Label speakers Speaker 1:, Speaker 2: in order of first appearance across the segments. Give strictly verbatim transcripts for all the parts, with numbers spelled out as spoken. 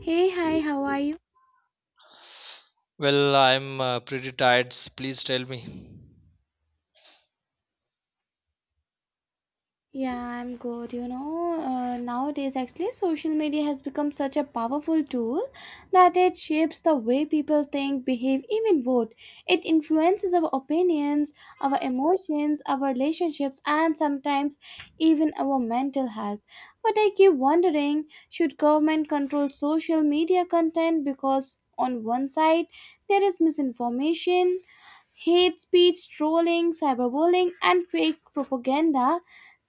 Speaker 1: Hey, hi, how are you?
Speaker 2: Well, I'm uh, pretty tired. Please tell me.
Speaker 1: Yeah, I'm good. You know, uh, nowadays actually social media has become such a powerful tool that it shapes the way people think, behave, even vote. It influences our opinions, our emotions, our relationships, and sometimes even our mental health. But I keep wondering, should government control social media content? Because on one side there is misinformation, hate speech, trolling, cyberbullying, and fake propaganda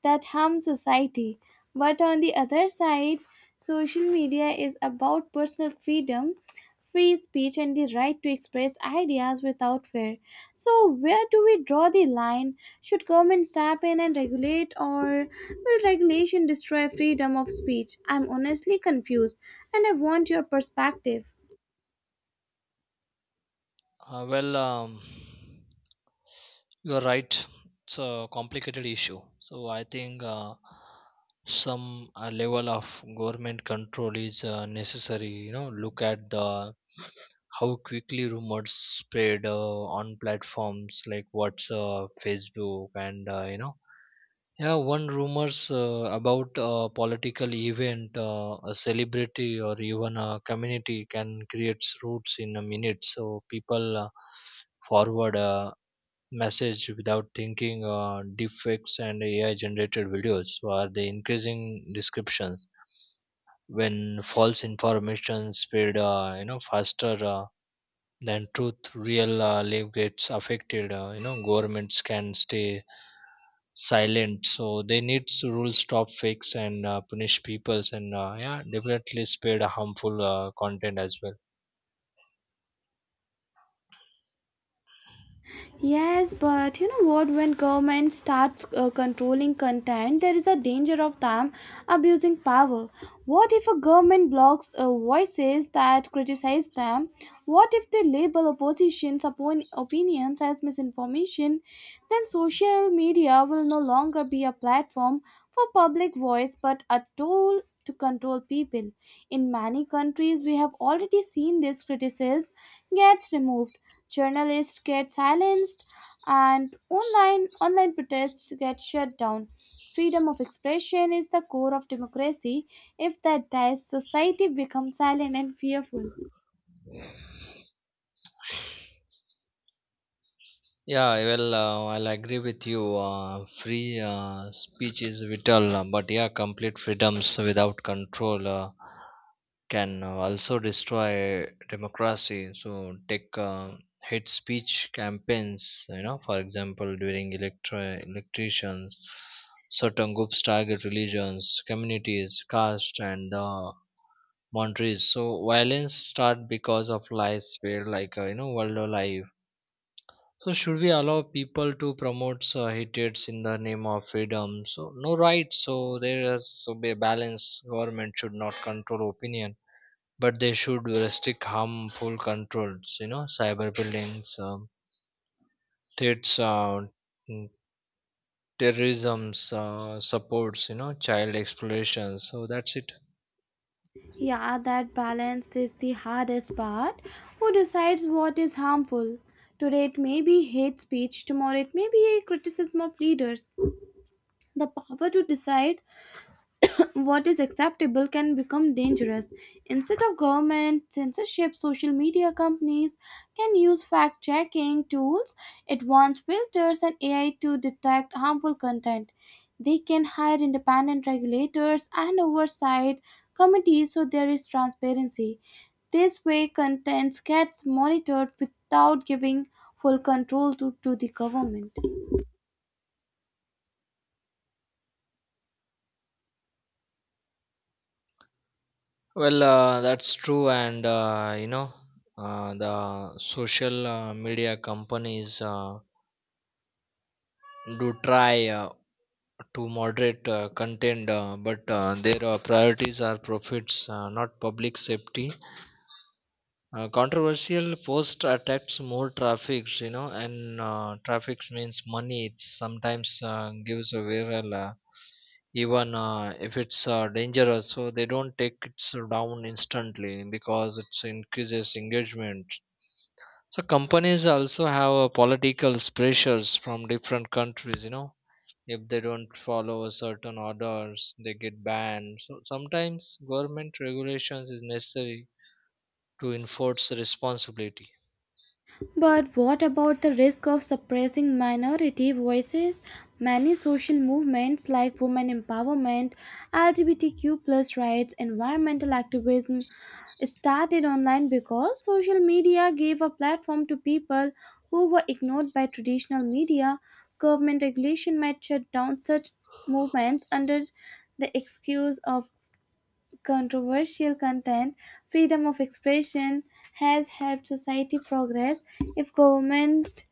Speaker 1: that harm society. But on the other side, social media is about personal freedom, free speech, and the right to express ideas without fear. So, where do we draw the line? Should government step in and regulate, or will regulation destroy freedom of speech? I'm honestly confused, and I want your perspective.
Speaker 2: Uh, well, um, you're right. It's a complicated issue. So I think uh, some uh, level of government control is uh, necessary. You know, look at the how quickly rumors spread uh, on platforms like WhatsApp, Facebook, and uh, you know Yeah, one rumors uh, about a political event, uh, a celebrity, or even a community can create roots in a minute. So people uh, forward a message without thinking. Uh, deepfakes and A I-generated videos. So are the increasing descriptions when false information spread, uh, you know, faster uh, than truth. Real uh, life gets affected. Uh, you know, governments can stay silent, so they need to rule stop fix, and uh, punish peoples, and uh, yeah, definitely spread a harmful uh, content as well.
Speaker 1: Yes, but you know what? When government starts uh, controlling content, there is a danger of them abusing power. What if a government blocks uh, voices that criticize them? What if they label opposition's opon- opinions as misinformation? Then social media will no longer be a platform for public voice but a tool to control people. In many countries, we have already seen this: criticism gets removed, journalists get silenced, and online online protests get shut down. Freedom of expression is the core of democracy. If that dies, society becomes silent and fearful.
Speaker 2: Yeah, well, uh, I'll agree with you. Uh, free uh, speech is vital, uh, but yeah, complete freedoms without control uh, can uh, also destroy democracy. So take uh, hate speech campaigns, you know, for example, during electri- electricians, certain groups target religions, communities, caste, and uh, boundaries. So violence start because of lies, where like, uh, you know, world life. So should we allow people to promote uh, hatreds in the name of freedom? So no rights. So there is so be a balance. Government should not control opinion, but they should restrict harmful controls, you know, cyberbullying, um, threats, uh, mm, terrorism's uh, supports, you know, child exploration, so that's it.
Speaker 1: Yeah, that balance is the hardest part. Who decides what is harmful? Today it may be hate speech, tomorrow it may be a criticism of leaders. The power to decide what is acceptable can become dangerous. Instead of government censorship, social media companies can use fact checking tools, advanced filters, and A I to detect harmful content. They can hire independent regulators and oversight committees so there is transparency. This way, content gets monitored without giving full control to, to the government.
Speaker 2: Well, uh, that's true, and uh, you know uh, the social uh, media companies uh, do try uh, to moderate uh, content, uh, but uh, their uh, priorities are profits, uh, not public safety. Uh, controversial post attracts more traffics, you know, and uh, traffics means money. It sometimes uh, gives a viral, uh, even uh, if it's uh, dangerous. So they don't take it uh, down instantly because it increases engagement. So companies also have uh, political pressures from different countries. You know, if they don't follow certain orders, they get banned. So sometimes government regulations is necessary to enforce responsibility.
Speaker 1: But what about the risk of suppressing minority voices? Many social movements like women empowerment, L G B T Q plus rights, environmental activism started online because social media gave a platform to people who were ignored by traditional media. Government regulation might shut down such movements under the excuse of controversial content. Freedom of expression has helped society progress. If government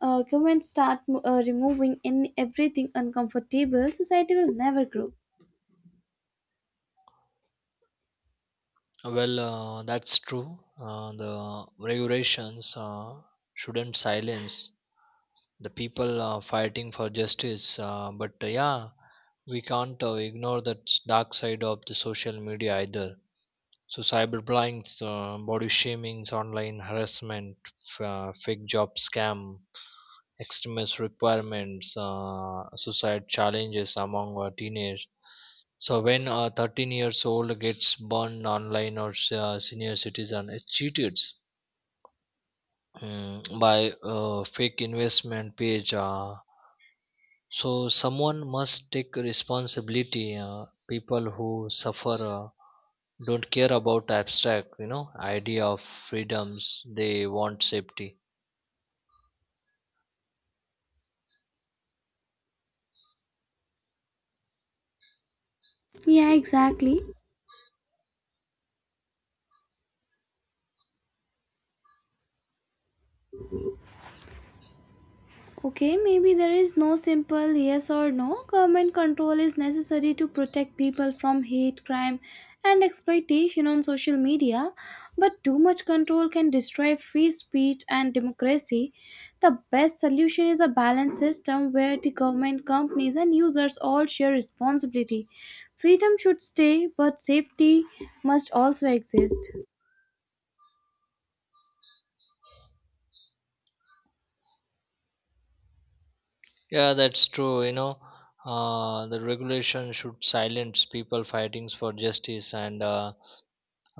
Speaker 1: uh, government start uh, removing in everything uncomfortable, society will never grow.
Speaker 2: Well, uh, that's true. Uh, the regulations uh, shouldn't silence the people uh, fighting for justice. Uh, but uh, yeah, we can't uh, ignore that s- dark side of the social media either. So cyberbullying, uh, body shamings, online harassment, f- uh, fake job scam, extremist requirements, uh, suicide challenges among uh, teenagers. So when a thirteen years old gets burned online, or s- uh, senior citizen is cheated, mm, by a fake investment page, uh, so someone must take responsibility. Uh, people who suffer uh, don't care about abstract, you know, idea of freedoms. They want safety.
Speaker 1: Yeah, exactly. Okay, maybe there is no simple yes or no. Government control is necessary to protect people from hate, crime, and exploitation on social media, but too much control can destroy free speech and democracy. The best solution is a balanced system where the government, companies, and users all share responsibility. Freedom should stay, but safety must also exist.
Speaker 2: Yeah, that's true. You know, uh, the regulation should silence people fighting for justice and. Uh,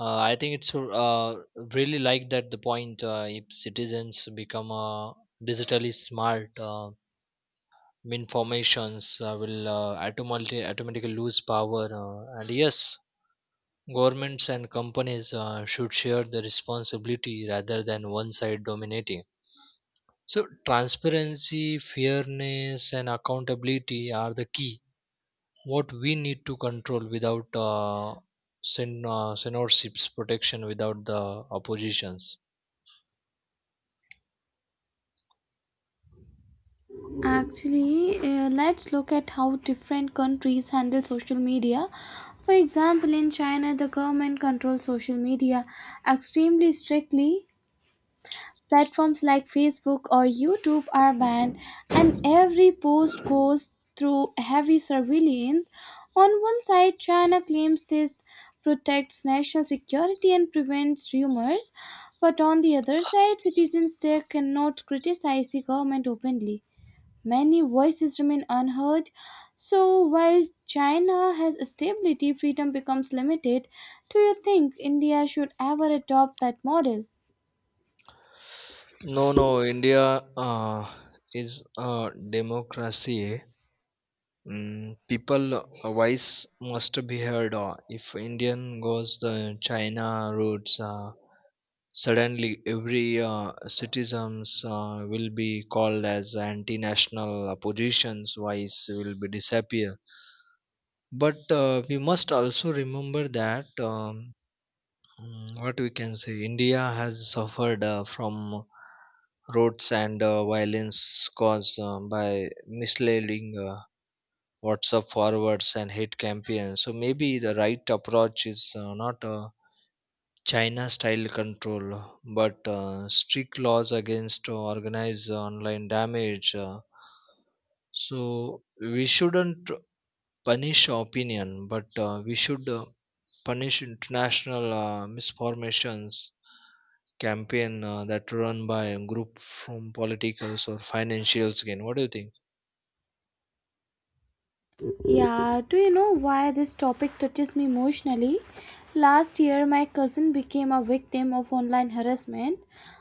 Speaker 2: Uh, I think it's uh, really like that the point, uh, if citizens become uh, digitally smart, uh, mean uh, will uh, automatically, automatically lose power. Uh, and yes, governments and companies uh, should share the responsibility rather than one side dominating. So transparency, fairness, and accountability are the key. What we need to control without uh, sen- uh, censorships, protection without the oppositions.
Speaker 1: Actually, uh, let's look at how different countries handle social media. For example, in China, the government controls social media extremely strictly. Platforms like Facebook or YouTube are banned, and every post goes through heavy surveillance. On one side, China claims this protects national security and prevents rumors, but on the other side, citizens there cannot criticize the government openly. Many voices remain unheard. So while China has stability, freedom becomes limited. Do you think India should ever adopt that model?
Speaker 2: No, no, India uh, is a democracy. Mm, people uh, voice must be heard. uh, If Indian goes the China routes, uh, suddenly every uh, citizens uh, will be called as anti-national, opposition's voice will be disappear. But uh, we must also remember that. Um, Mm, what we can say, india has suffered uh, from riots and uh, violence caused uh, by misleading uh, whatsapp forwards and hate campaigns. So maybe the right approach is uh, not uh, china style control, but uh, strict laws against organized online damage, uh, so we shouldn't punish opinion, but uh, we should uh, punish international uh, misformations campaign uh, that run by a group from politicals or financials gain. What do you think?
Speaker 1: Yeah, do you know why this topic touches me emotionally? Last year, my cousin became a victim of online harassment.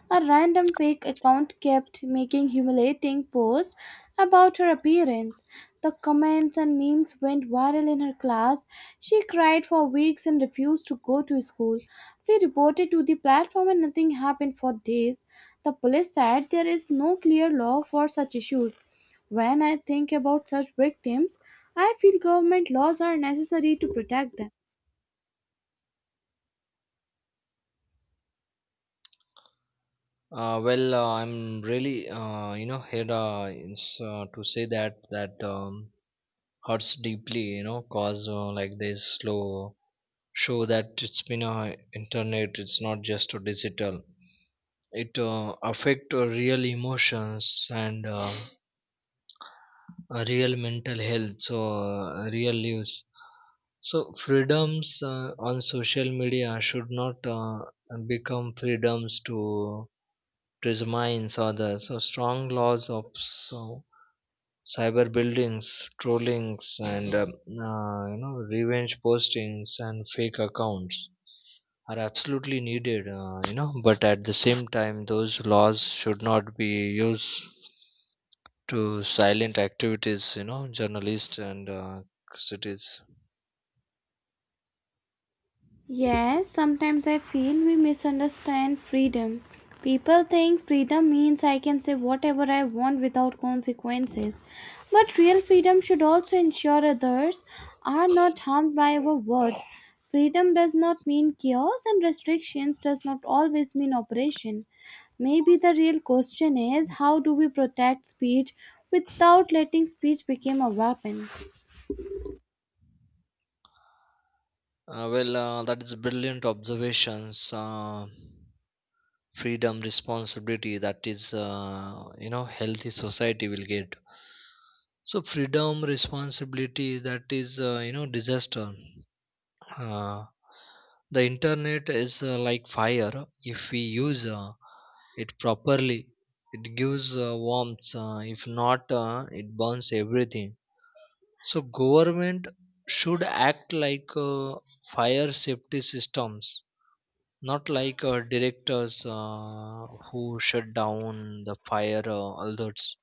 Speaker 1: A random fake account kept making humiliating posts about her appearance. The comments and memes went viral in her class. She cried for weeks and refused to go to school. We reported to the platform and nothing happened for days. The police said there is no clear law for such issues. When I think about such victims, I feel government laws are necessary to protect them.
Speaker 2: uh, well uh, I'm really, uh, you know here uh, it's, uh, to say that that um, hurts deeply, you know, cause uh, like they slow show that it's been a internet, it's not just a digital, it uh, affect uh, real emotions and uh, uh, real mental health, so uh, real use. So freedoms uh, on social media should not uh, become freedoms to presumise others. So strong laws of, so cyber buildings, trollings, and, um, uh, you know, revenge postings and fake accounts are absolutely needed, uh, you know, but at the same time those laws should not be used to silent activities, you know, journalists, and uh, cities.
Speaker 1: Yes, sometimes I feel we misunderstand freedom. People think freedom means I can say whatever I want without consequences. But real freedom should also ensure others are not harmed by our words. Freedom does not mean chaos, and restrictions does not always mean oppression. Maybe the real question is, how do we protect speech without letting speech become a weapon?
Speaker 2: Uh, well, uh, that is brilliant observations. Uh, freedom, responsibility, that is, uh, you know, healthy society will get. So freedom, responsibility, that is, uh, you know, disaster. Uh, the internet is uh, like fire. If we use uh, it properly, it gives uh, warmth. Uh, if not, uh, it burns everything. So government should act like uh, fire safety systems, not like uh, directors uh, who shut down the fire uh, alerts.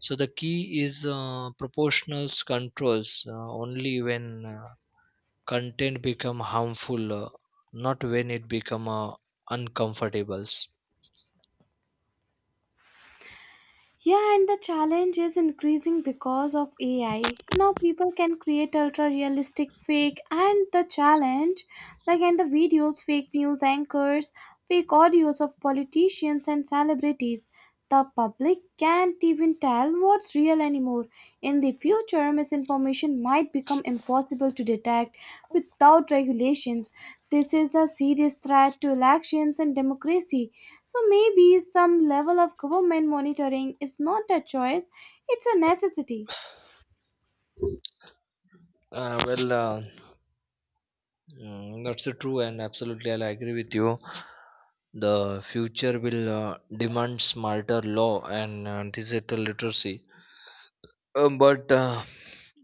Speaker 2: So the key is uh, proportional controls uh, only when uh, content become harmful, uh, not when it become uh, uncomfortable.
Speaker 1: Yeah, and the challenge is increasing because of A I. Now people can create ultra realistic fake and the challenge like and the videos, fake news anchors, fake audios of politicians and celebrities. The public can't even tell what's real anymore. In the future, misinformation might become impossible to detect without regulations. This is a serious threat to elections and democracy. So maybe some level of government monitoring is not a choice, it's a necessity.
Speaker 2: Uh, well, uh, Mm, that's so true, and absolutely, I'll agree with you. The future will uh, demand smarter law and uh, digital literacy. Uh, but uh,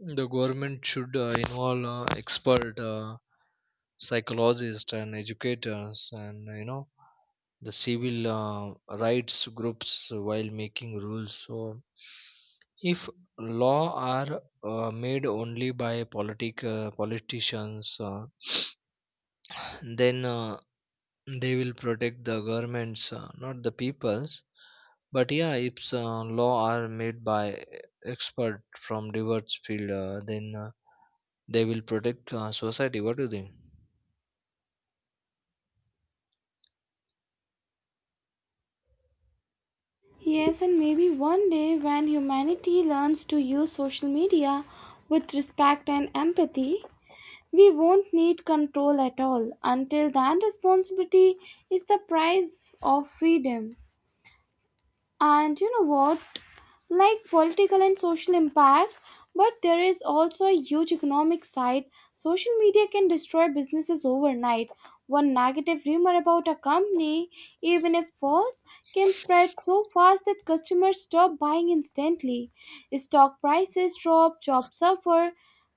Speaker 2: the government should uh, involve uh, expert uh, psychologists and educators, and, you know, the civil uh, rights groups while making rules. So if law are uh, made only by politic uh, politicians, uh, then uh, they will protect the governments, uh, not the peoples. But yeah, if uh, law are made by expert from diverse field, uh, then uh, they will protect uh, society. What do you think?
Speaker 1: Yes, and maybe one day when humanity learns to use social media with respect and empathy, we won't need control at all. Until then, responsibility is the price of freedom. And you know what? Like political and social impact, but there is also a huge economic side. Social media can destroy businesses overnight. One negative rumor about a company, even if false, can spread so fast that customers stop buying instantly. Stock prices drop, jobs suffer.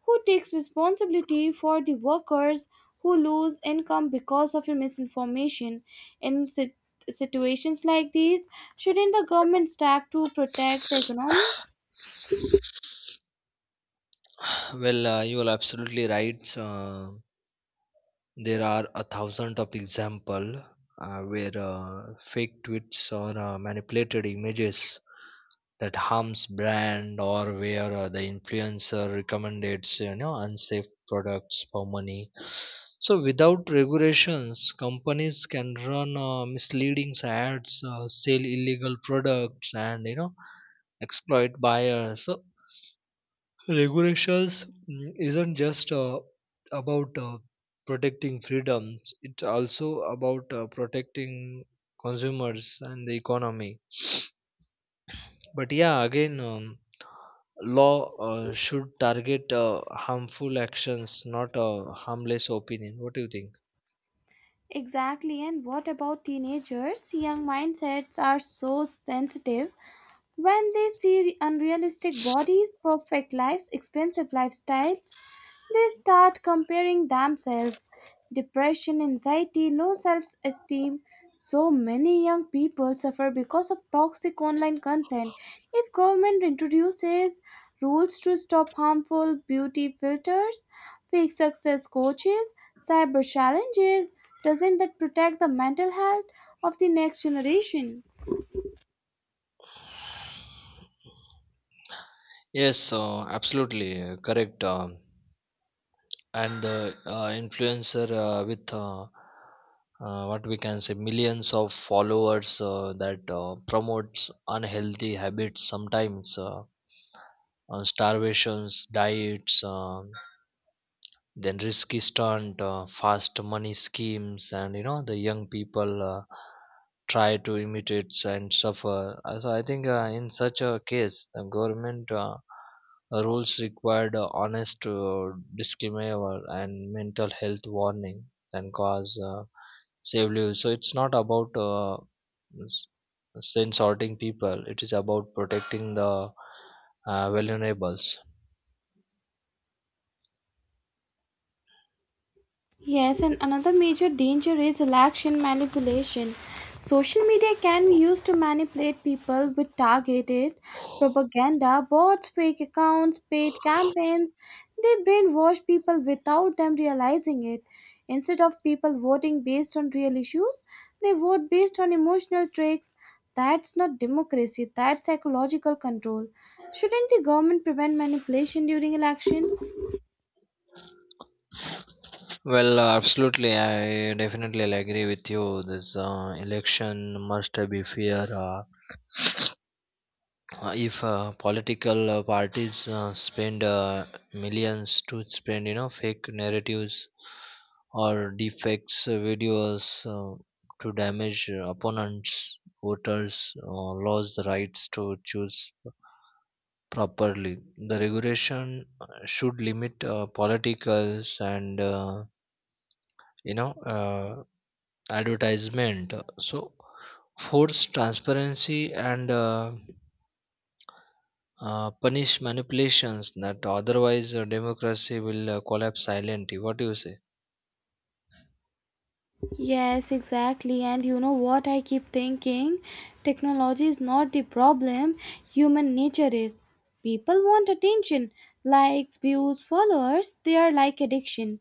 Speaker 1: Who takes responsibility for the workers who lose income because of your misinformation? In sit- situations like these, shouldn't the government step to protect the economy?
Speaker 2: Well, uh, you are absolutely right. uh, There are a thousand of example uh, where uh, fake tweets or uh, manipulated images that harms brand, or where uh, the influencer recommends, you know, unsafe products for money. So without regulations, companies can run uh, misleading ads, uh, sell illegal products, and, you know, exploit buyers. So regulations mm, isn't just uh, about uh, protecting freedoms, it's also about uh, protecting consumers and the economy. But yeah, again, um, law uh, should target uh, harmful actions, not uh, harmless opinion. What do you think?
Speaker 1: Exactly, and what about teenagers? Young mindsets are so sensitive. When they see unrealistic bodies, perfect lives, expensive lifestyles, they start comparing themselves. Depression, anxiety, low self esteem. So many young people suffer because of toxic online content. If government introduces rules to stop harmful beauty filters, fake success coaches, cyber challenges, doesn't that protect the mental health of the next generation?
Speaker 2: Yes, uh, absolutely uh, correct. Um and the uh, influencer uh, with uh, uh, what we can say millions of followers uh, that uh, promotes unhealthy habits, sometimes uh, on starvations diets, um then risky stunt, uh, fast money schemes, and, you know, the young people uh, try to imitate and suffer. Uh, so I think uh, in such a case the government uh, rules required uh, honest uh, disclaimer and mental health warning, and cause uh, save lives. So it's not about uh, s- censoring people, it is about protecting the uh, vulnerables.
Speaker 1: Yes, and another major danger is election manipulation. Social media can be used to manipulate people with targeted propaganda, bots, fake accounts, paid campaigns. They brainwash people without them realizing it. Instead of people voting based on real issues, they vote based on emotional tricks. That's not democracy, that's psychological control. Shouldn't the government prevent manipulation during elections?
Speaker 2: Well, uh, absolutely. I definitely agree with you. This uh, election must be fair. Uh, uh, if uh, political uh, parties uh, spend uh, millions to spend, you know, fake narratives or defects uh, videos uh, to damage opponents, voters uh, lose the rights to choose properly. The regulation uh, should limit uh, politicals and, uh, you know. Uh, advertisement, so force transparency and uh, uh, punish manipulations, that otherwise uh, democracy will uh, collapse silently. What do you say?
Speaker 1: Yes, exactly. And you know what I keep thinking? Technology is not the problem, human nature is. People want attention, likes, views, followers. They are like addiction.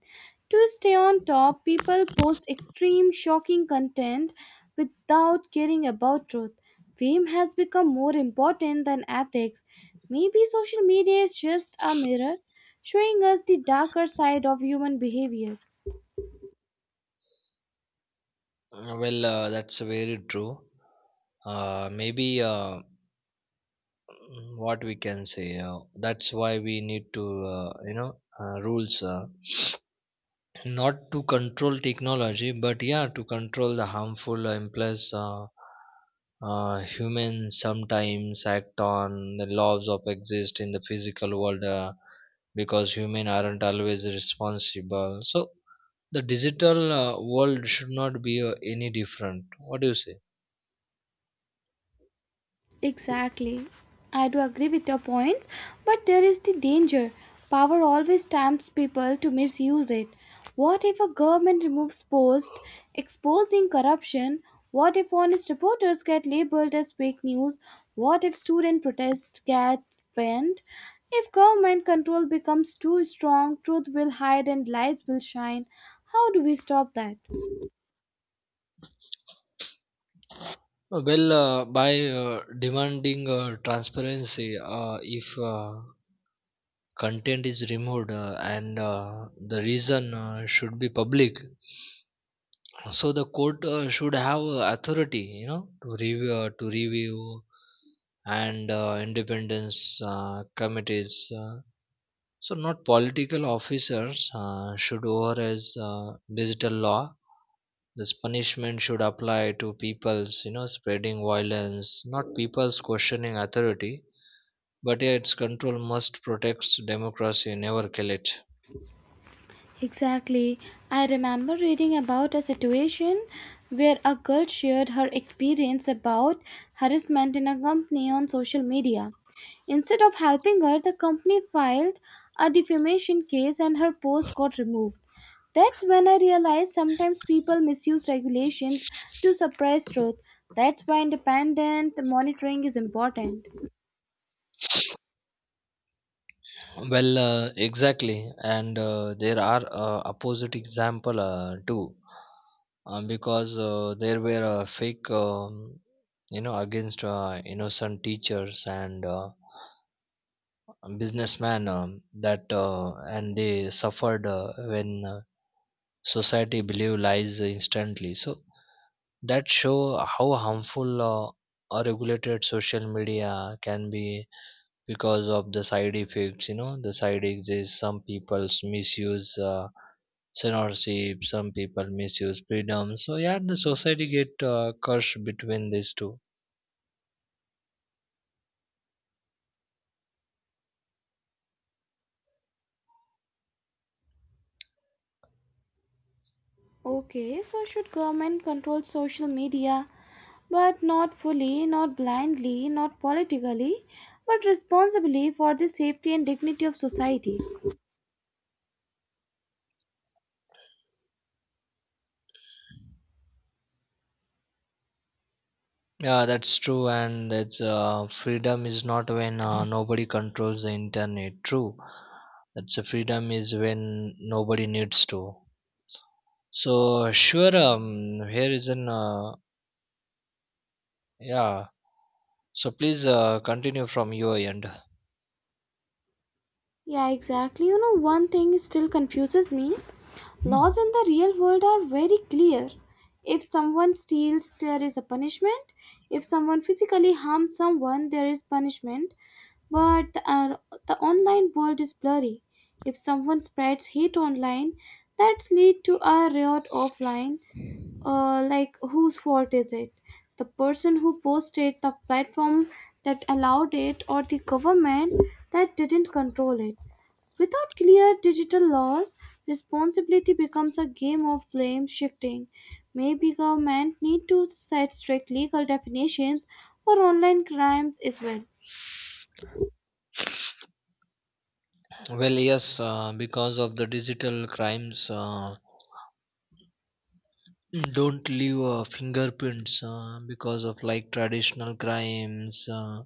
Speaker 1: To stay on top, people post extreme, shocking content without caring about truth. Fame has become more important than ethics. Maybe social media is just a mirror showing us the darker side of human behavior.
Speaker 2: Uh, well uh, that's very true. uh, maybe uh, mm, what we can say, uh, that's why we need to, uh, you know uh, rules, uh, not to control technology, but yeah, to control the harmful impulse. Uh, uh, humans sometimes act on the laws of exist in the physical world, uh, because humans aren't always responsible. So the digital uh, world should not be uh, any different. What do you say?
Speaker 1: Exactly. I do agree with your points, but there is the danger. Power always tempts people to misuse it. What if a government removes posts exposing corruption? What if honest reporters get labeled as fake news? What if student protests get banned? If government control becomes too strong, truth will hide and lies will shine. How do we stop that?
Speaker 2: Uh, Well, uh, by uh, demanding uh, transparency, uh, if uh, content is removed, uh, and uh, the reason uh, should be public. So the court uh, should have uh, authority, you know, to review, uh, to review, and uh, independence uh, committees. Uh, so not political officers uh, should over as uh, digital law. This punishment should apply to people's, you know, spreading violence, not people's questioning authority. But yeah, its control must protect democracy, never kill it.
Speaker 1: Exactly. I remember reading about a situation where a girl shared her experience about harassment in a company on social media. Instead of helping her, the company filed a defamation case and her post got removed. That's when I realized sometimes people misuse regulations to suppress truth. That's why independent monitoring is important.
Speaker 2: Well, uh, exactly, and uh, there are uh, opposite example uh, too, um, because uh, there were uh, fake, um, you know, against uh, innocent teachers and uh, businessmen, um, that, uh, and they suffered uh, when uh, society believed lies instantly. So that show how harmful uh, a regulated social media can be, because of the side effects, you know, the side exists. Some people misuse uh, censorship, some people misuse freedom. So yeah, the society get uh, cursed between these two.
Speaker 1: Okay, so should government control social media? But not fully, not blindly, not politically, but responsibly, for the safety and dignity of society.
Speaker 2: Yeah, that's true, and that's, uh, freedom is not when uh, nobody controls the internet. True, that's a freedom is when nobody needs to. So sure, um here is an uh, yeah, so please uh, continue from your end.
Speaker 1: Yeah, exactly. You know, one thing still confuses me: laws in the real world are very clear. If someone steals, there is a punishment. If someone physically harms someone, there is punishment. But the, uh, the online world is blurry. If someone spreads hate online, that lead to a riot offline. Uh, like, whose fault is it? The person who posted, the platform that allowed it, or the government that didn't control it? Without clear digital laws, responsibility becomes a game of blame shifting. Maybe government need to set strict legal definitions for online crimes as well.
Speaker 2: Well, yes, uh, because of the digital crimes, uh, don't leave uh, fingerprints uh, because of like traditional crimes. Uh,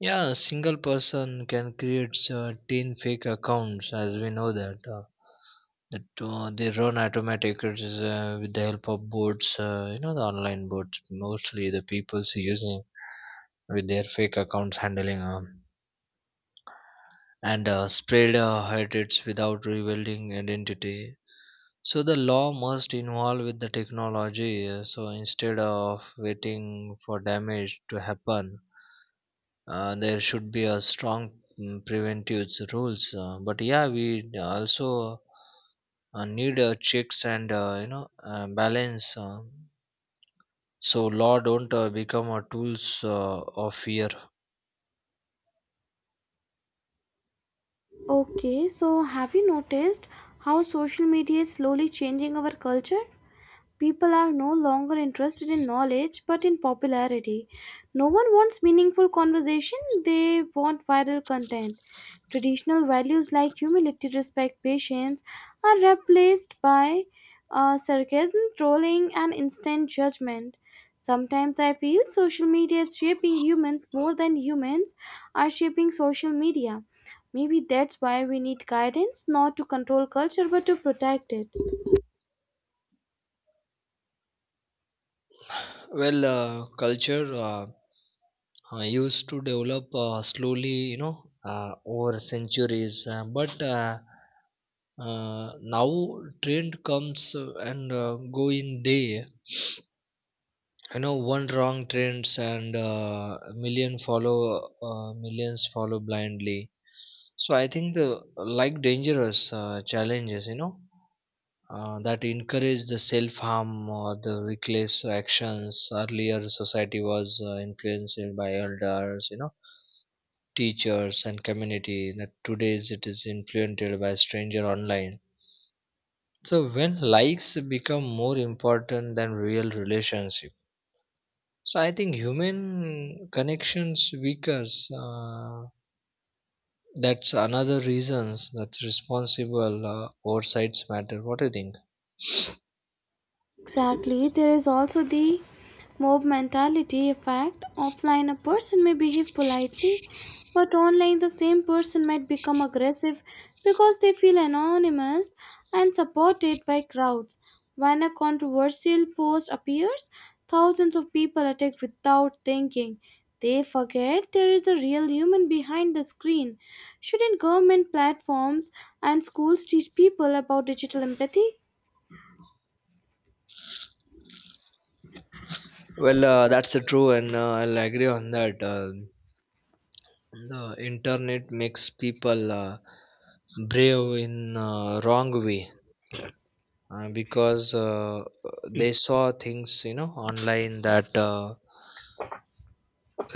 Speaker 2: Yeah, a single person can create uh, ten fake accounts, as we know that. Uh, that uh, they run automatic it is, uh, with the help of bots, uh, you know, the online bots, mostly the people's using with their fake accounts handling, um, and uh, spread uh, hatred without revealing identity. So the law must involve with the technology. uh, So instead of waiting for damage to happen, uh, there should be a strong mm, preventive rules. Uh, but yeah, we also uh, need uh, checks and, uh, you know uh, balance. Uh, so law don't uh, become a tools uh, of fear.
Speaker 1: Okay, so have you noticed how social media is slowly changing our culture? People are no longer interested in knowledge but in popularity. No one wants meaningful conversation, they want viral content. Traditional values like humility, respect, patience are replaced by uh, sarcasm, trolling, and instant judgment. Sometimes I feel social media is shaping humans more than humans are shaping social media. Maybe that's why we need guidance, not to control culture but to protect it.
Speaker 2: Well, uh, culture, uh, uh, used to develop uh, slowly, you know, uh, over centuries, uh, but. Uh, uh, now trend comes uh, and uh, go in day. You know, one wrong trends and uh, a million follow uh, millions follow blindly. So I think the like dangerous uh, challenges, you know, uh, that encourage the self harm or the reckless actions. Earlier society was uh, influenced by elders, you know, teachers and community, that today's it is influenced by stranger online. So when likes become more important than real relationship, so I think human connections weakens. Uh, that's another reasons that's responsible uh, oversights matter. What do you think?
Speaker 1: Exactly. There is also the mob mentality effect. Offline, a person may behave politely, but online, the same person might become aggressive because they feel anonymous and supported by crowds. When a controversial post appears, thousands of people attack without thinking. They forget there is a real human behind the screen. Shouldn't government, platforms, and schools teach people about digital empathy?
Speaker 2: Well, uh, that's uh, true, and uh, I'll agree on that. Uh, the internet makes people uh, brave in uh, wrong way, uh, because uh, they saw things, you know, online that. Uh,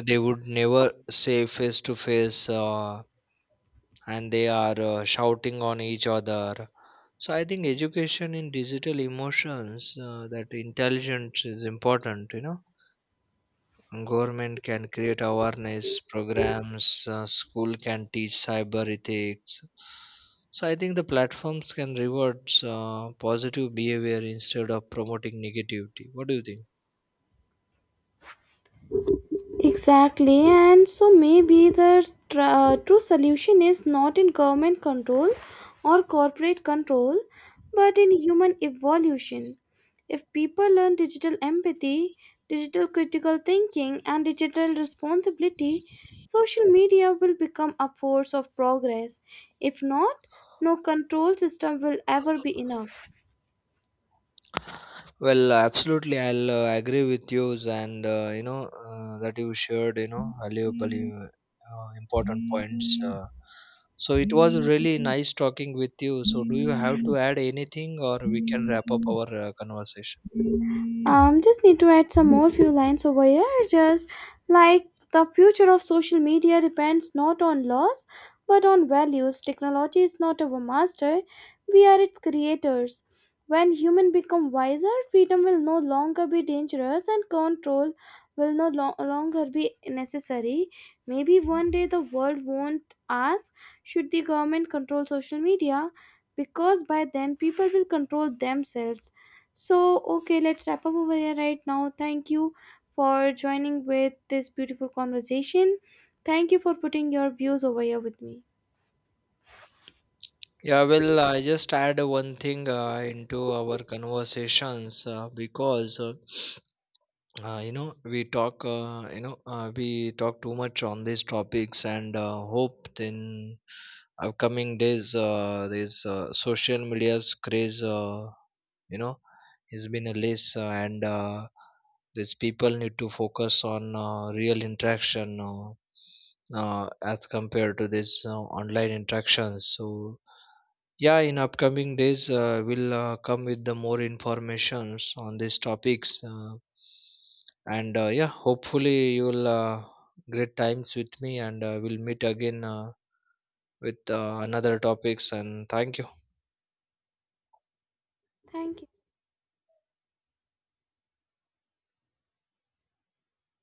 Speaker 2: They would never say face to face, uh, and they are uh, shouting on each other. So I think education in digital emotions, uh, that intelligence is important. You know, government can create awareness programs, uh, school can teach cyber ethics. So I think the platforms can reward uh, positive behavior instead of promoting negativity. What do you think?
Speaker 1: Exactly, and so maybe the tr- uh, true solution is not in government control or corporate control, but in human evolution. If people learn digital empathy, digital critical thinking, and digital responsibility, social media will become a force of progress. If not, no control system will ever be enough.
Speaker 2: Well, uh, absolutely, I'll uh, agree with you, and uh, you know uh, that you shared, you know, valuable, uh, uh, important points. Uh, so it was really nice talking with you. So do you have to add anything, or we can wrap up our uh, conversation?
Speaker 1: Um, just need to add some more few lines over here, just like, the future of social media depends not on laws but on values. Technology is not our master, we are its creators. When humans become wiser, freedom will no longer be dangerous and control will no lo- longer be necessary. Maybe one day the world won't ask, should the government control social media, because by then people will control themselves. So, okay, let's wrap up over here right now. Thank you for joining with this beautiful conversation. Thank you for putting your views over here with me.
Speaker 2: Yeah, well, I just add one thing uh, into our conversations uh, because uh, Uh, you know, we talk, uh, you know, uh, we talk too much on these topics, and uh, hope in upcoming days, uh, this uh, social media's craze, uh, you know, has been a less, uh, and uh, these people need to focus on uh, real interaction, uh, uh, as compared to this uh, online interaction. So yeah, in upcoming days, uh, we'll uh, come with the more informations on these topics. Uh, and uh, yeah, hopefully you'll uh, great times with me, and uh, we'll meet again uh, with uh, another topics. And thank you.
Speaker 1: Thank you.